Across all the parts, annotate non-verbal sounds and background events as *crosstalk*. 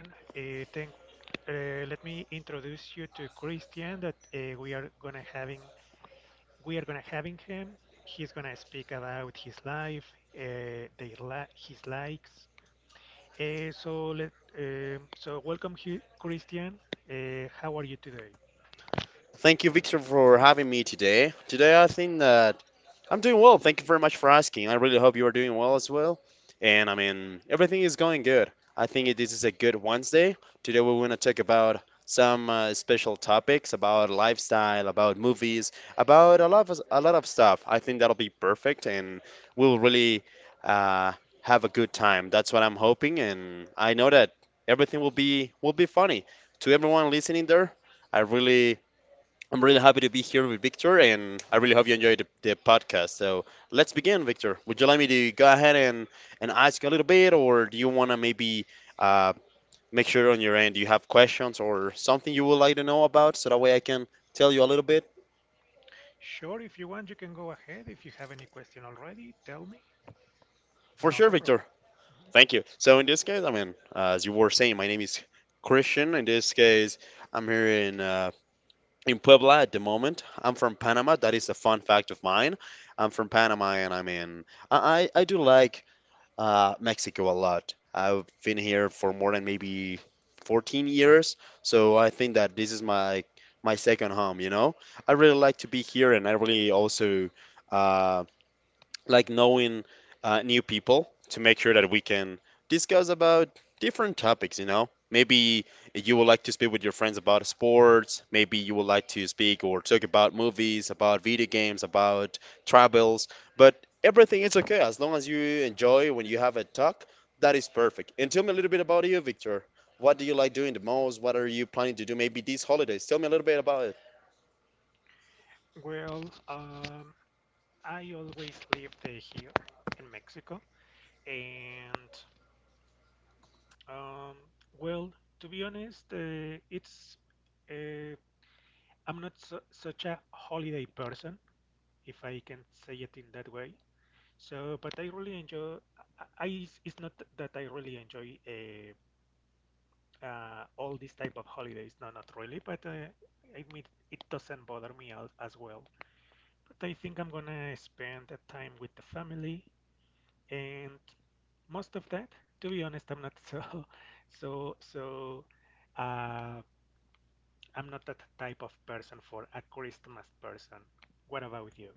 Thank, let me introduce you to Christian that we are gonna having we are gonna having him. He's gonna speak about his life, their li his likes. Uh, so let so welcome here, Christian. How are you today? Thank you, Victor, for having me today. Today, I think that I'm doing well. Thank you very much for asking. I really hope you are doing well as well. And I mean, everything is going good. I think this is a good Wednesday. Today, we want to talk about some special topics about lifestyle, about movies, about a lot of stuff. I think that'll be perfect, and we'll really uh, have a good time. That's what I'm hoping, and I know that everything will be funny. To everyone listening there, I really I'm really happy to be here with Victor, and I really hope you enjoyed the podcast. So let's begin, Victor. Would you like me to go ahead and ask a little bit, or do you want to maybe uh, make sure on your end you have questions or something you would like to know about so that way I can tell you a little bit? Sure, if you want, you can go ahead. If you have any question already, tell me. For Not sure, a problem. Victor. Thank you. So in this case, I mean, as you were saying, my name is Christian. In this case, I'm here in Puebla at the moment. I'm from Panama. That is a fun fact of mine. I'm from Panama, and I mean, I do like Mexico a lot. I've been here for more than maybe 14 years, so I think that this is my second home, you know? I really like to be here, and I really also um like knowing new people to make sure that we can discuss about different topics, you know? Maybe you would like to speak with your friends about sports. Maybe you would like to speak or talk about movies, about video games, about travels. But everything is okay as long as you enjoy when you have a talk. That is perfect. And tell me a little bit about you, Victor. What do you like doing the most? What are you planning to do maybe these holidays? Tell me a little bit about it. Well, um, I always lived here in Mexico. And um, well, to be honest, it's uh, I'm not su such a holiday person, if I can say it in that way. So, but I really enjoy. I It's not that I really enjoy all these type of holidays. No, not really. But I mean, it doesn't bother me as well. But I think I'm gonna spend the time with the family and most of that to be honest I'm not *laughs* so so uh, I'm not that type of person for a Christmas person. What about you?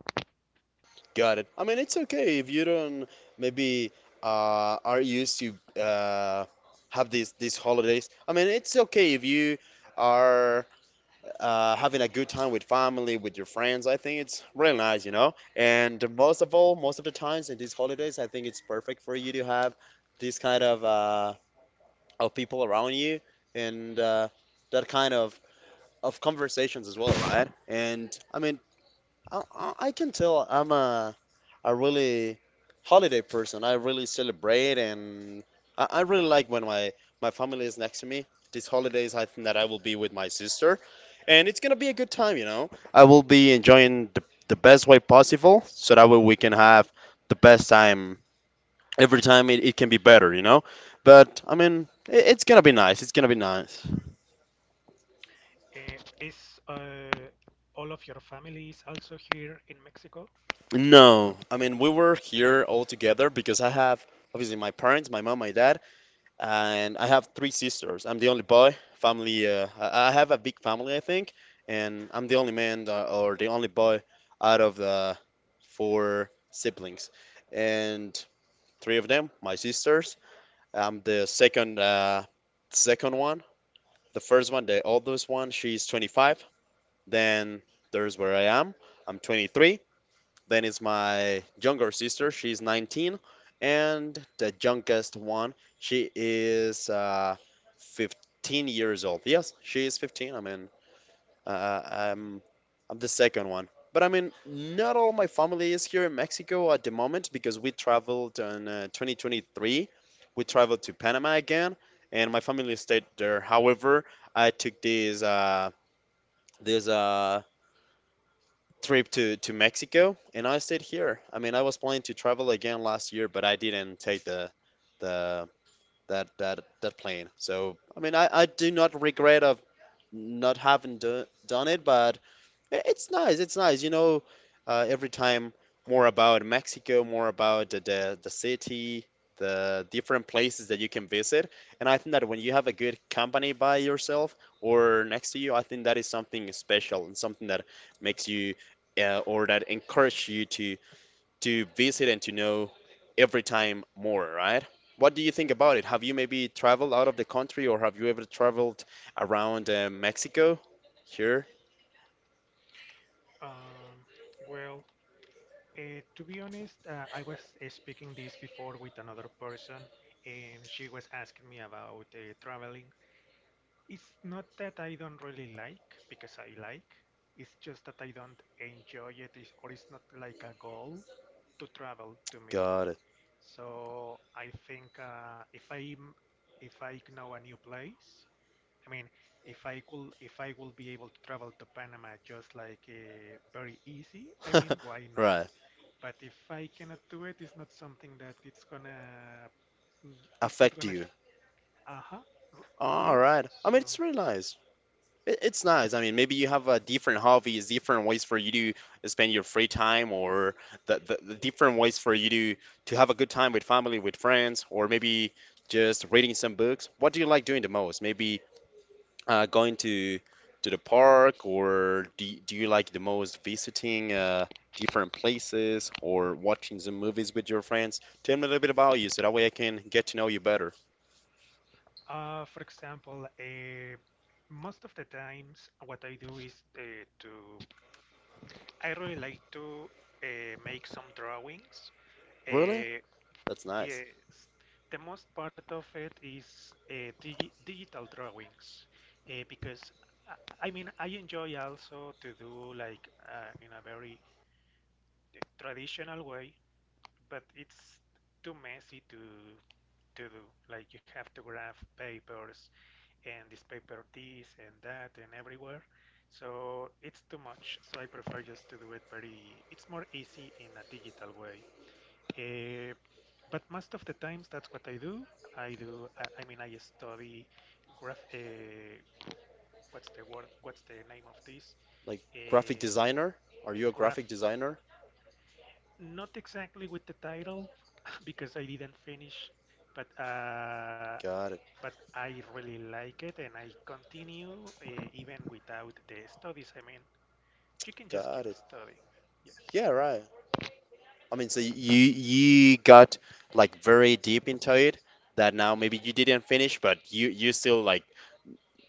Got it. I mean, it's okay if you don't maybe are used to uh, have these holidays. I mean, it's okay if you are having a good time with family, with your friends. I think it's really nice, you know. And most of all, most of the times in these holidays, I think it's perfect for you to have this kind of people around you and that kind of conversations as well, right? And I mean, I can tell I'm a really holiday person. I really celebrate, and I really like when my family is next to me. These holidays, I think that I will be with my sister, and it's gonna be a good time. You know, I will be enjoying the best way possible, so that way we can have the best time. Every time it can be better, you know. But I mean, it's gonna be nice. It's gonna be nice. Uh, is uh, all of your family is also here in Mexico? No, I mean we were here all together because I have obviously my parents, my mom, my dad, and I have three sisters. I'm the only boy. Family, I have a big family, I think, and I'm the only man or the only boy out of the four siblings, and three of them my sisters. I'm the second, second one. The first one, the oldest one, she's 25. Then there's where I am. I'm 23. Then is my younger sister. She's 19, and the youngest one, she is 15 years old. Yes, she is 15. I mean, uh, uh, I'm I'm the second one. But I mean, not all my family is here in Mexico at the moment because we traveled in 2023. We traveled to Panama again, and my family stayed there. However, I took this this trip to Mexico, and I stayed here. I mean, I was planning to travel again last year, but I didn't take the that plane. So I mean, I do not regret of not having done it, but It's nice. It's nice. You know, every time more about Mexico, more about the city, the different places that you can visit. And I think that when you have a good company by yourself or next to you, I think that is something special and something that makes you or that encourage you to visit and to know every time more, right? What do you think about it? Have you maybe traveled out of the country, or have you ever traveled around Mexico? Here, Um, well, to be honest, I was speaking this before with another person, and she was asking me about traveling. It's not that I don't really like, because I like. It's just that I don't enjoy it, or it's not like a goal to travel to me. Got So I think if I know a new place, I mean, if I could, if I will be able to travel to Panama just like very easy, I *laughs* mean, why not? Right. But if I cannot do it, it's not something that it's not Affect gonna, you. aha, uh, All yes. right. I mean, So it's really nice. It's nice. I mean, maybe you have different hobbies, different ways for you to spend your free time, or the different ways for you to have a good time with family, with friends, or maybe just reading some books. What do you like doing the most? Maybe going to the park, or do you like the most visiting different places, or watching some movies with your friends? Tell me a little bit about you, so that way I can get to know you better. For example, most of the times what I do is to I really like to make some drawings. Really? Uh, That's nice. yes, the most part of it is digital drawings because I mean I enjoy also to do like in a very traditional way, but it's too messy to do. Like you have to graph papers and this paper this and that and everywhere. So it's too much. So I prefer just to do it very. It's more easy in a digital way. Uh, but most of the times that's what I do. I do. I, mean, I study graph. What's the word? What's the name of this? Like graphic Uh, designer? Are you a graphic graph. designer? Not exactly with the title *laughs* because I didn't finish, but Got it. but I really like it and I continue even without the studies. I mean, you can just keep Got it. studying. Yes. Yeah, right. I mean, so you got like very deep into it that now maybe you didn't finish, but you still like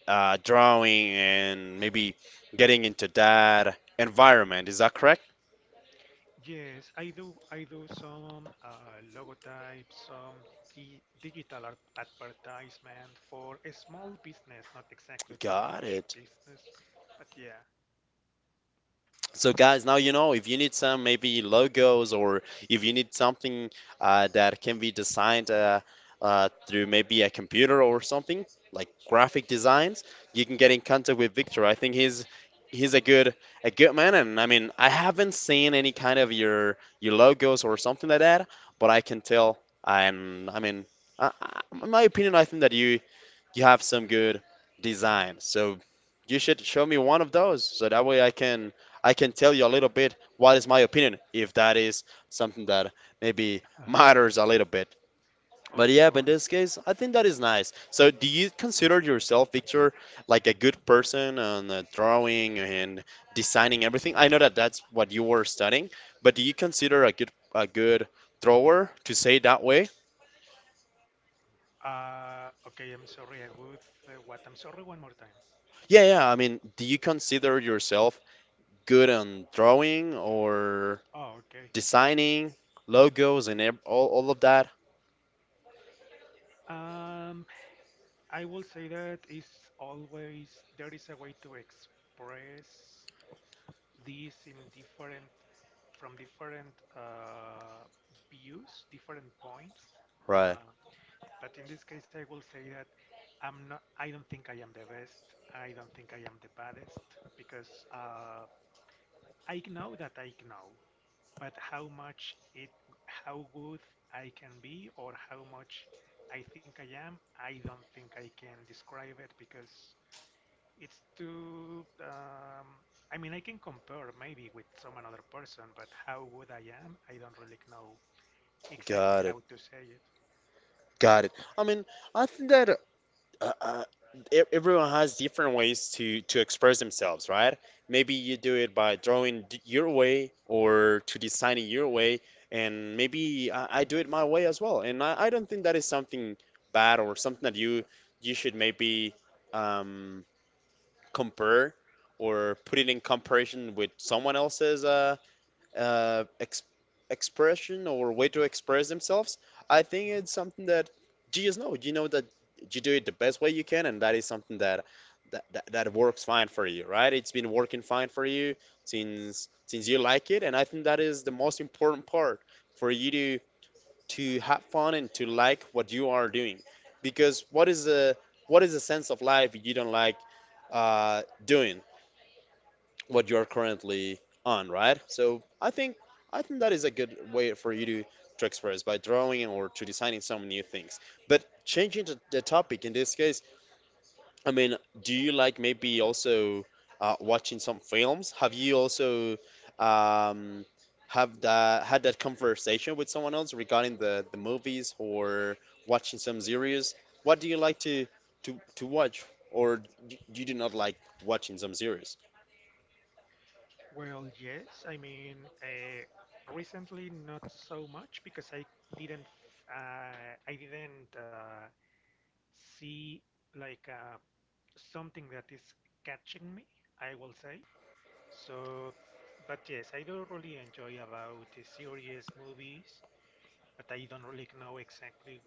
drawing and maybe getting into that environment. Is that correct? Yes, I do. I do some logotypes, some di digital art advertisement for a small business, not exactly too Got much it. business, but yeah. So guys, now you know if you need some maybe logos or if you need something that can be designed through maybe a computer or something like graphic designs, you can get in contact with Victor. I think he's a good man, and I mean I haven't seen any kind of your logos or something like that, but I can tell. And I mean, in my opinion, I think that you have some good Mhm. design. So you should show me one of those so that way I can tell you a little bit what is my opinion if that is something that maybe *laughs* matters a little bit. *laughs* But Of yeah, but in this course. case, I think that is nice. So do you consider yourself, Victor, like a good person on drawing and designing everything? I know that that's what you were studying, but do you consider a good drawer to say that way? Okay, I'm sorry. I would. Uh, what? I'm sorry one more time. Yeah, yeah. I mean, do you consider yourself good on drawing or Oh, okay. designing logos and all of that. Um, I will say that it's always there is a way to express this in different from different views, different points. Right. Uh, but in this case, I will say that I'm not. I don't think I am the best. I don't think I am the baddest because I know that I know. But how good I can be, or how much I think I am, I don't think I can describe it because it's too. I mean, I can compare maybe with some another person, but how good I am, I don't really know exactly Got it. how to say it. Got it. I mean, I think that uh, uh, everyone has different ways to express themselves, right? Maybe you do it by drawing your way or to designing your way, and maybe I do it my way as well. And I don't think that is something bad or something that you should maybe um, compare or put it in comparison with someone else's uh, ex- expression or way to express themselves. I think Hmm. it's something that you just know. You know that you do it the best way you can, and that is something that works fine for you, right? It's been working fine for you since you like it, and I think that is the most important part for you to have fun and to like what you are doing, because what is the sense of life if you don't like doing what you're currently on, right? So I think that is a good way for you to express by drawing or to designing some new things. But changing the topic in this case, I mean, do you like maybe also watching some films? Have you also um, have that had that conversation with someone else regarding the movies or watching some series? What do you like to to watch, or you do not like watching some series? Well, yes. I mean, recently not so much because I didn't f- I didn't see like something that is catching me, I will say. So, but yes, I do really enjoy about the series, movies, but I don't really know exactly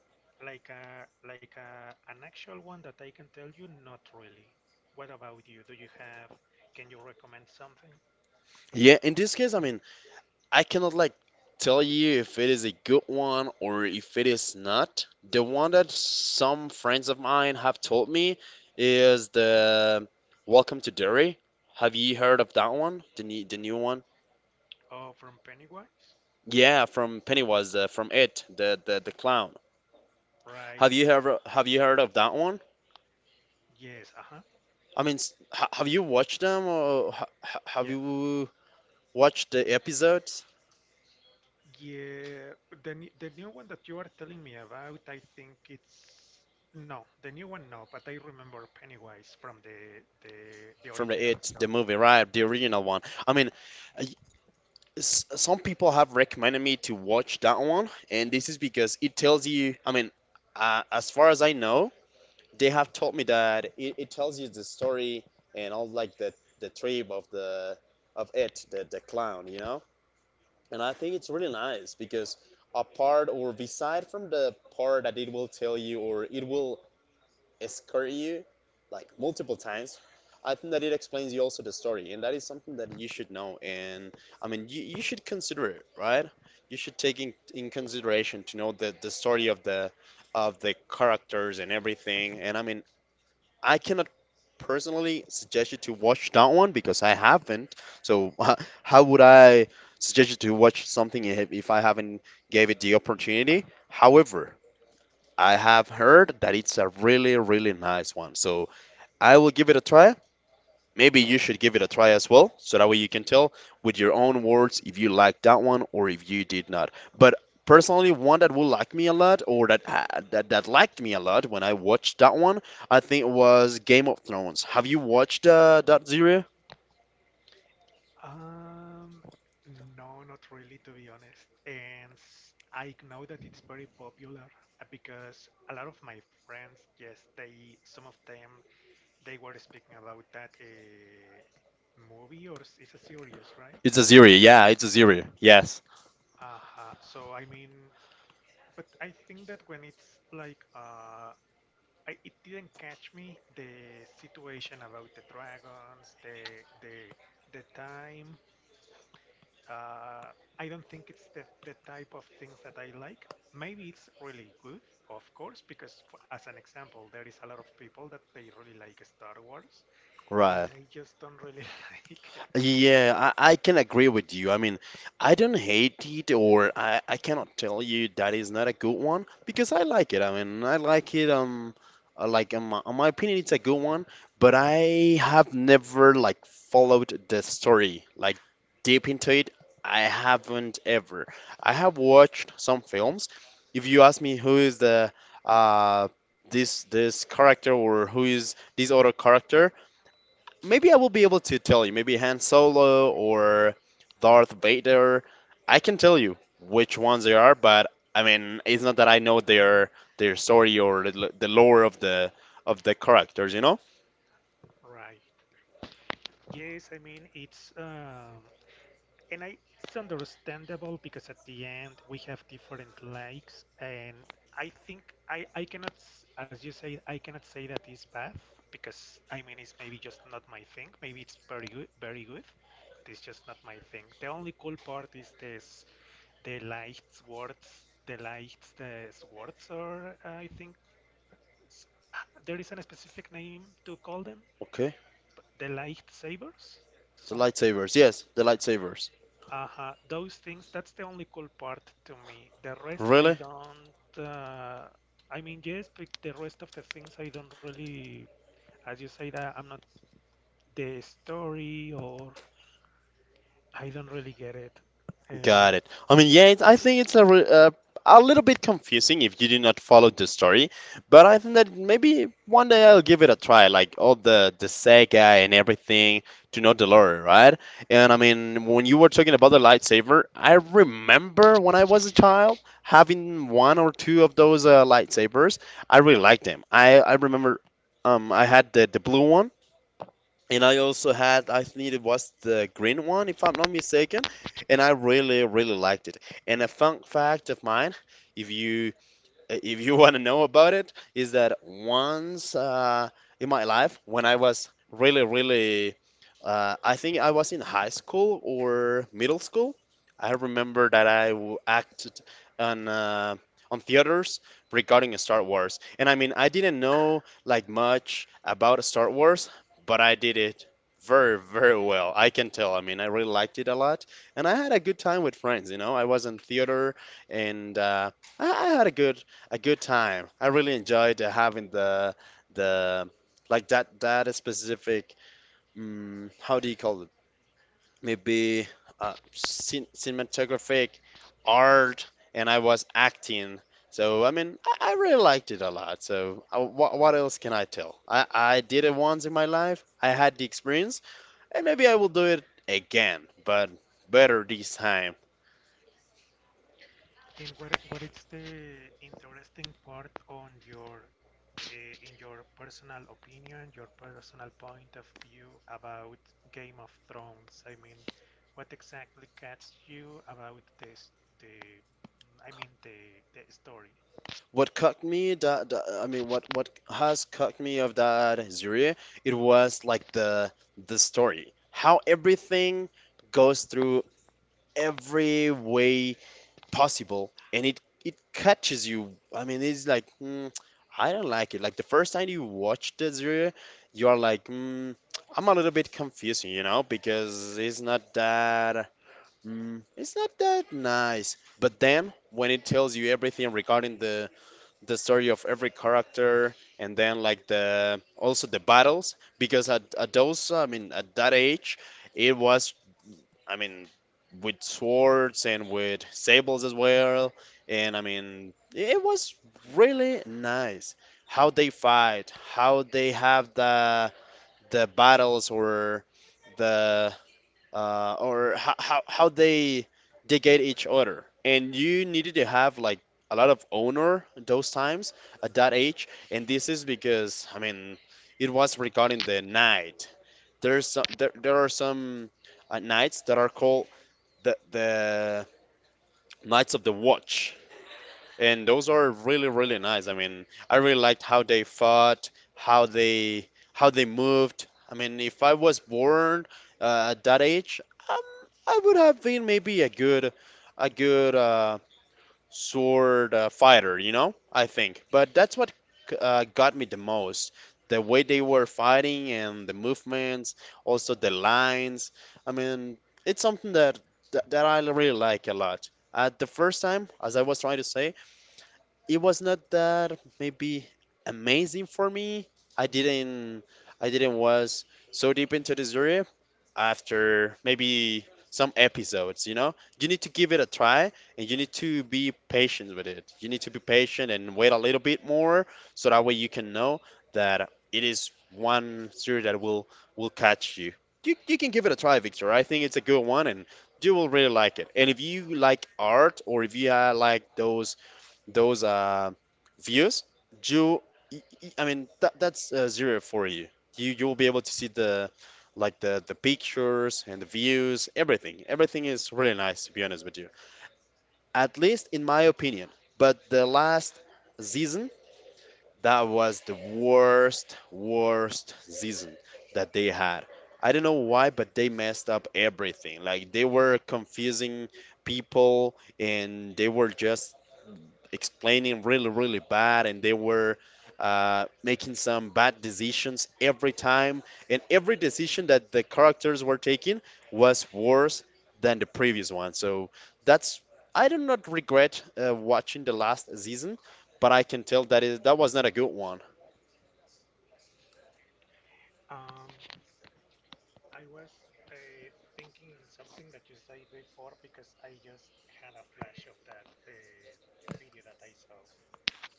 like a an actual one that I can tell you not really. What about you? Do you have can you recommend something? Yeah, in this case, I mean, I cannot like tell you if it is a good one or if it is not. The one that some friends of mine have told me is the Welcome to Derry. Have you heard of that one? The new one? Oh, from Pennywise? Yeah, from Pennywise, from It, the clown. Right. Have you heard of that one? Yes, uh-huh. I mean, ha have you watched them, or have Yeah. you watched the episodes Yeah, the new one that you are telling me about, I think it's no, the new one no, but I remember Pennywise from the from the original It, the film. movie, right? The original one. I mean, some people have recommended me to watch that one, and this is because it tells you. I mean, as far as I know, they have told me that it tells you the story and all like the trip of the of it, the clown, you know. And I think it's really nice because apart or beside from the part that it will tell you or it will escort you like multiple times. I think that it explains you also the story, and that is something that you should know. And I mean, you should consider it, right? You should take in consideration to know the story of the characters and everything. And I mean, I cannot personally suggest you to watch that one because I haven't. So *laughs* how would I suggest you to watch something if I haven't gave it the opportunity? However, I have heard that it's a really, really nice one. So I will give it a try. Maybe you should give it a try as well. So that way you can tell with your own words if you liked that one or if you did not. But personally, one that will like me a lot or that liked me a lot when I watched that one, I think it was Game of Thrones. Have you watched that series? Um, no, not really, to be honest. And I know that it's very popular because a lot of my friends, yes, they, some of them, they were speaking about that movie or it's a series, right? It's a series, yeah, it's a series. Yes. So I mean, but I think that when it's like, I, it didn't catch me the situation about the dragons, the time. Uh, I don't think it's the type of things that I like. Maybe it's really good, of course, because as an example, there is a lot of people that they really like Star Wars, and Right. I just don't really *laughs* like it. Yeah, I can agree with you. I mean, I don't hate it, or I cannot tell you that is not a good one because I like it. I mean, I like it. Like in my opinion, it's a good one, but I have never like followed the story like deep into it. I haven't ever. I have watched some films. If you ask me who is the uh this this character or who is this other character, maybe I will be able to tell you. Maybe Han Solo or Darth Vader. I can tell you which ones they are, but I mean, it's not that I know their story or the lore of the characters, you know? Right. Yes, I mean, it's and I, it's understandable because at the end we have different likes, and I cannot, as you say, I cannot say that it's bad because I mean it's maybe just not my thing. Maybe it's very good, but it's just not my thing. The only cool part is this, the light the swords are, I think, there is a specific name to call them, Okay. but the lightsabers, The some. lightsabers. Yes, the lightsabers. Uh-huh. Those things, that's the only cool part to me. The rest I Really? don't. Uh, I mean, yes, but the rest of the things I don't really. As you say, that I'm not the story, or I don't really get it. Uh, Got it. I mean, yeah, I think it's a little bit confusing if you do not follow the story, but I think that maybe one day I'll give it a try, like all the Sega and everything to know the lore, right? And I mean, when you were talking about the lightsaber, I remember when I was a child having one or two of those lightsabers. I really liked them. I remember, I had the blue one, and I also had, I think it was the green one, if I'm not mistaken, and I really, really liked it. And a fun fact of mine, if you if you *laughs* want to know about it, is that once, in my life, when I was really, really, I think I was in high school or middle school, I remember that acted on uh, on theaters regarding Star Wars, and I mean I didn't know like much about Star Wars, but I did it very, very well. I can tell. I mean, I really liked it a lot, and I had a good time with friends. You know, I was in theater and. I had a good time. I really enjoyed having the like that specific, how do you call it? Maybe cinematographic art, and I was acting. So I mean, I really liked it a lot. So what else can I tell? I did it once in my life. I had the experience, and maybe I will do it again, but better this time. And what is the interesting part on your in your personal opinion, your personal point of view about Game of Thrones? I mean, what exactly catches you about this the I mean the story? What cut me that, that- I mean what has cut me of that series, it was like the story, how everything goes through every way possible, and it catches you. I mean, it's like I don't like it. Like the first time you watch the series you are like I'm a little bit confusing, you know, because it's not that, it's not that nice, but then when it tells you everything regarding the story of every character, and then like the also the battles, because at those I mean at that age, it was, I mean, with swords and with sables as well, and I mean it was really nice how they fight, how they have the battles, or the or how they get each other. And you needed to have like a lot of honor those times, at that age. And this is because, I mean, it was regarding the night. There's there are some nights that are called the Knights of the Watch, and those are really really nice. I mean, I really liked how they fought, how they moved. I mean, if I was born, at that age, um, I would have been maybe a good, sword fighter, you know? I think. But that's what got me the most. The way they were fighting and the movements, also the lines. I mean, it's something that I really like a lot. At the first time, as I was trying to say, it was not that maybe amazing for me. I didn't I didn't was so deep into the story, after maybe some episodes, you know? You need to give it a try, and you need to be patient with it. You need to be patient and wait a little bit more, so that way you can know that it is one series that will catch you. You can give it a try, Victor. I think it's a good one, and you will really like it. And if you like art, or if you like those views, you, I mean, that's zero for you. You'll be able to see the like the pictures and the views, everything. Everything is really nice, to be honest with you. At least in my opinion. But the last season, that was the worst, worst season that they had. I don't know why, but they messed up everything. Like they were confusing people, and they were just explaining really, really bad, and they were making some bad decisions every time. And every decision that the characters were taking was worse than the previous one. So that's I do not regret watching the last season, but I can tell that was not a good one. Um, I was uh, thinking in something that you said before because I just had a flash of that video that I saw.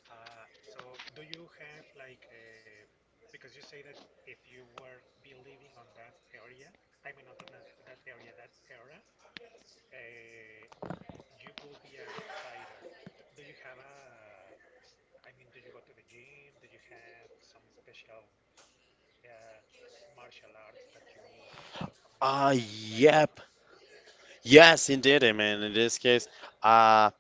So do you have like because you say that if you were believing on that area, I mean on that area, that era, uh, you will be a good fighter. Do you have a, I mean, do you go to the gym? Do you have some special uh, martial arts that you maybe Ah, have training on? yep. Yes, indeed. I mean, in this case, uh,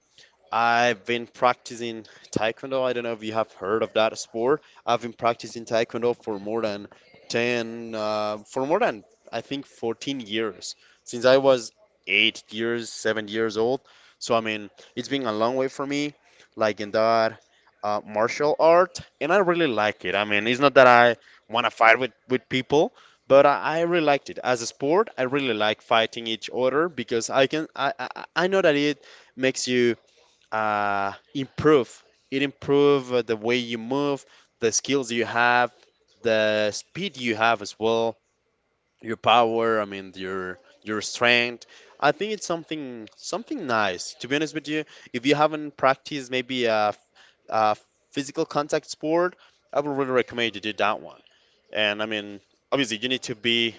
I've been practicing taekwondo. I don't know if you have heard of that sport. I've been practicing taekwondo for more than 10, for more than I think 14 years, since I was 8 years, 7 years old. So I mean, it's been a long way for me, like in that martial art, and I really like it. I mean, it's not that I want to fight with people, but I really liked it Right. as a sport. I really like fighting each other because I can I know that it makes you improve. It improve, the way you move, the skills you have, the speed you have as well, your power. I mean, your strength. I think it's something nice. To be honest with you, if you haven't practiced maybe a physical contact sport, I would really recommend you do that one. And I mean, obviously, you need to be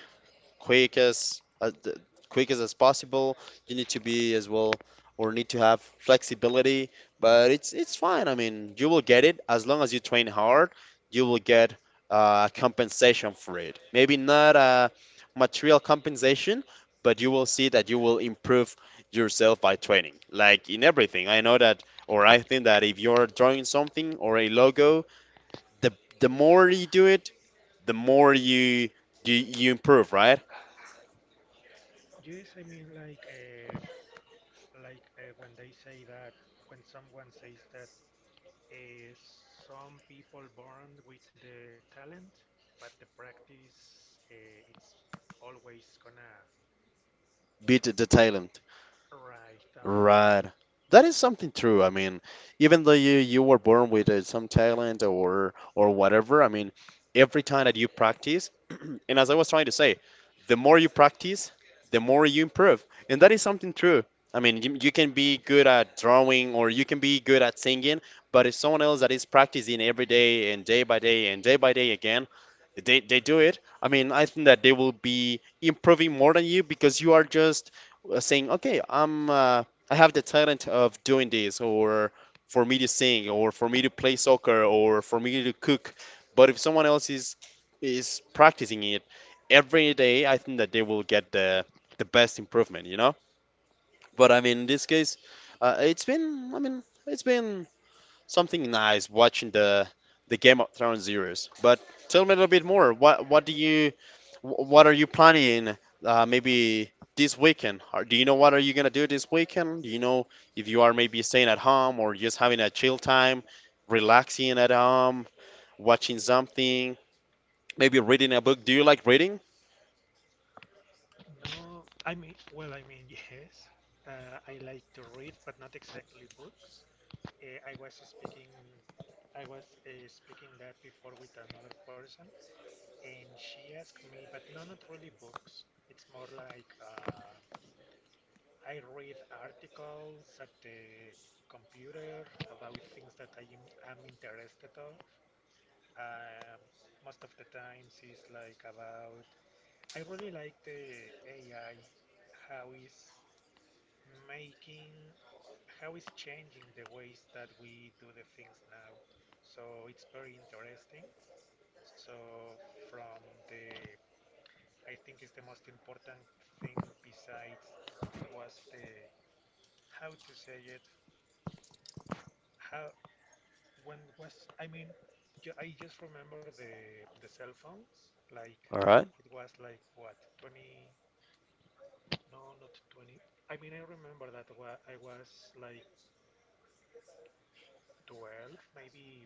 quick as uh, th- quick as possible. You need to be as well, or need to have flexibility, but it's fine. I mean, you will get it as long as you train hard. You will get, compensation for it. Maybe not a material compensation, but you will see that you will improve yourself by training. Like in everything, I know that, or I think that if you're drawing something or a logo, the the more you do it, the more you improve, right? Yes, I mean like when they say that when someone says that Uh, some people born with the talent, but the practice it's always gonna Beat the Thailand. right. Uh-huh. Right. That is something true. I mean, even though you were born with some talent or whatever, I mean, every time that you practice, *clears throat* and as I was trying to say, the more you practice, the more you improve. And that is something true. I mean, you can be good at drawing or you can be good at singing, but if someone else that is practicing every day and day by day and day by day again, they do it. I mean, I think that they will be improving more than you because you are just saying, okay, I'm I have the talent of doing this, or for me to sing, or for me to play soccer, or for me to cook. But if someone else is practicing it every day, I think that they will get the best improvement. But I mean, in this case, it's been something nice watching the Game of Thrones series. But tell me a little bit more. What are you planning? Maybe this weekend. Or do you know what are you gonna do this weekend? Do you know if you are maybe staying at home or just having a chill time, relaxing at home, watching something, maybe reading a book? Do you like reading? No, I mean, well, I mean, yes. I like to read, but not exactly books. Uh, I was speaking, I was speaking that before with another person, and she asked me, but no, not really books. It's more like I read articles at the computer about things that I'm interested of. Um, most of the times it's like about I really like the AI, how it's making, how it's changing the ways that we do the things now. So it's very interesting. So from the, I think it's the most important thing besides it was the, how to say it, how when was I mean, ju- I just remember the cell phones. Like All right. it was like what 20? No, not 20. I mean, I remember that wa I was like 12, maybe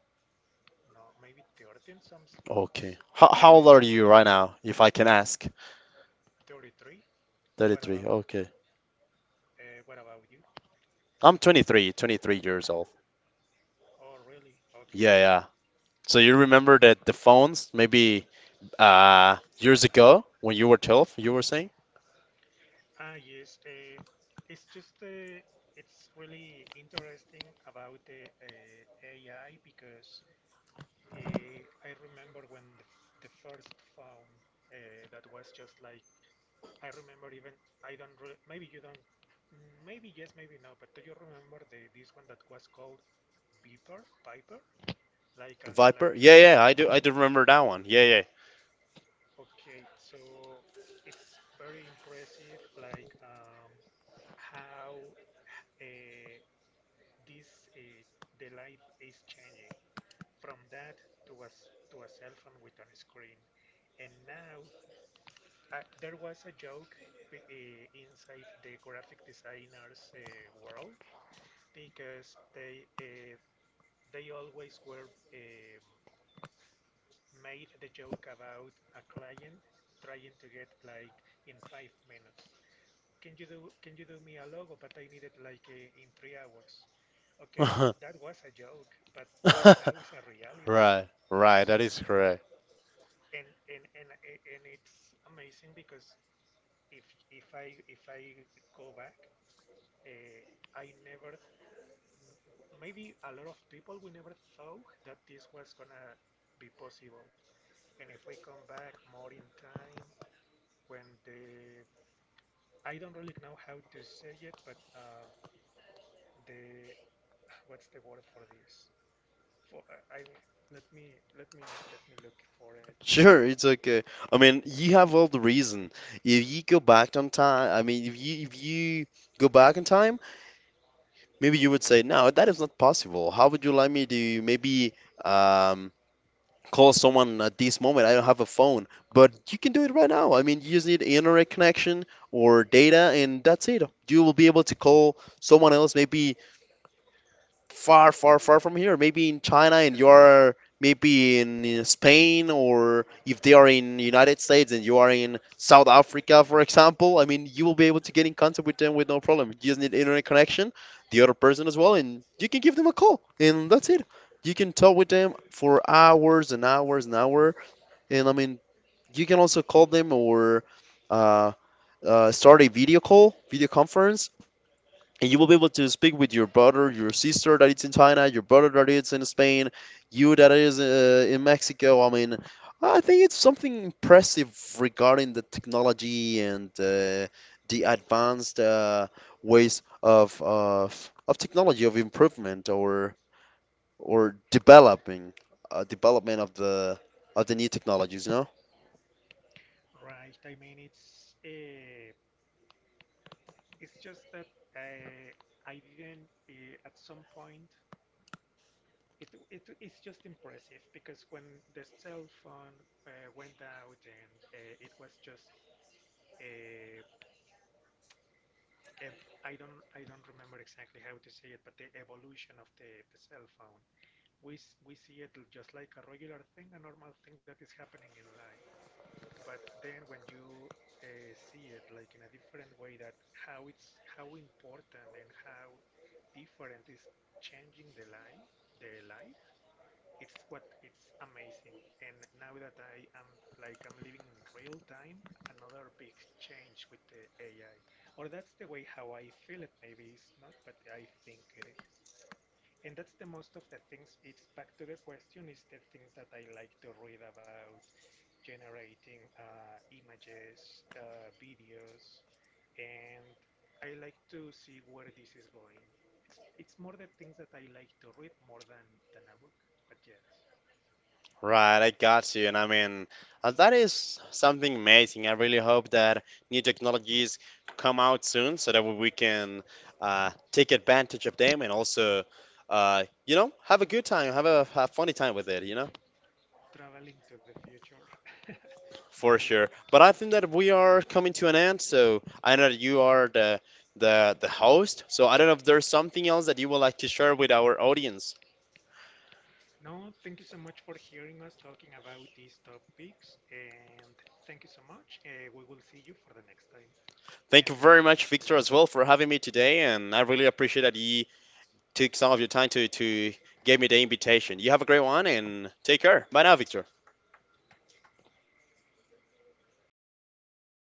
no, maybe 13, some Okay. How old maybe are you right now, if I can ask? 33. What 33. about Okay. What about you? I'm twenty-three years old. Oh, really? Okay, Yeah, yeah. So you remember okay. that the phones, maybe years ago when you were 12, you were saying? Ah, yes. It's just uh, it's really interesting about the AI because I remember when the, the first phone that was just like I remember even I don't re maybe you don't, mm, maybe yes maybe no, but do you remember the this one that was called Beeper Piper, like a, like Viper? Yeah, yeah, I do remember that one. Yeah, okay. So it's very impressive like how uh, this the life is changing from that to a to a cell phone with a screen, and now there was a joke inside the graphic designers world because they always were made the joke about a client trying to get like in 5 minutes. Can you do me a logo? But I need it like in 3 hours. Okay, yeah. that was a joke, but right *laughs* now it's a reality. Right, right, So that is correct. and and and and it's amazing because if if I go back. Uh, I never, maybe a lot of people, we never thought that this was gonna be possible. And if we come back more in time, when the, I don't really know how to say it, but the, what's the word for this? For, I, I- let me, let me, let me look for it. Sure, It's it's okay. I mean, you have all the reason. If you go back on time, I mean, if you go back in time, maybe you would say, "No, that is not possible. How would you like me to maybe um call someone at this moment? I don't have a phone." But you can do it right now. I mean, you just need internet connection or data, and that's it. You will be able to call someone else maybe far, far, far from here. Maybe in China, and you are maybe in Spain, or if they are in United States and you are in South Africa, for example. I mean, you will be able to get in contact with them with no problem. You just need internet connection, the other person as well, and you can give them a call, and that's it. You can talk with them for hours and hours and hour, and I mean, you can also call them or uh, start a video call, video conference, and you will be able to speak with your brother, your sister that is in China, your brother that is in Spain, you that is in Mexico. I mean, I think it's something impressive regarding the technology and the advanced ways of technology of improvement or developing development of the new technologies, you know? right. I mean, it's just that uh, I didn't, at some point, it's just impressive because when the cell phone went out and it was just uh, don't I don't remember exactly how to say it, but the evolution of the cell phone. We see it just like a regular thing, a normal thing that is happening in life. But then when you see it like in a different way, that how it's how important and how different is changing the life. It's what it's amazing, and now that I am like I'm living in real time another big change with the AI, or that's the way how I feel it. Maybe it's not, but I think it is, and that's the most of the things. It's back to the question is the things that I like to read about: generating images, videos, and I like to see where this is going. It's more the things that I like to read more than a book, but yes, Right, I got you. And I mean, that is something amazing. I really hope that new technologies come out soon so that we can take advantage of them and also, have a good time, have funny time with it, traveling to the future. *laughs* for Maybe. sure. But I think that we are coming to an end. So I know that you are the host. So I don't know if there's something else that you would like to share with our audience. No, thank you so much for hearing us talking about these topics. And thank you so much. We will see you for the next time. Thank And you thank you very so much, much to Victor, you. as well, for having me today. And I really appreciate that you took some of your time to give me the invitation. You have a great one and take care. Bye now, Victor.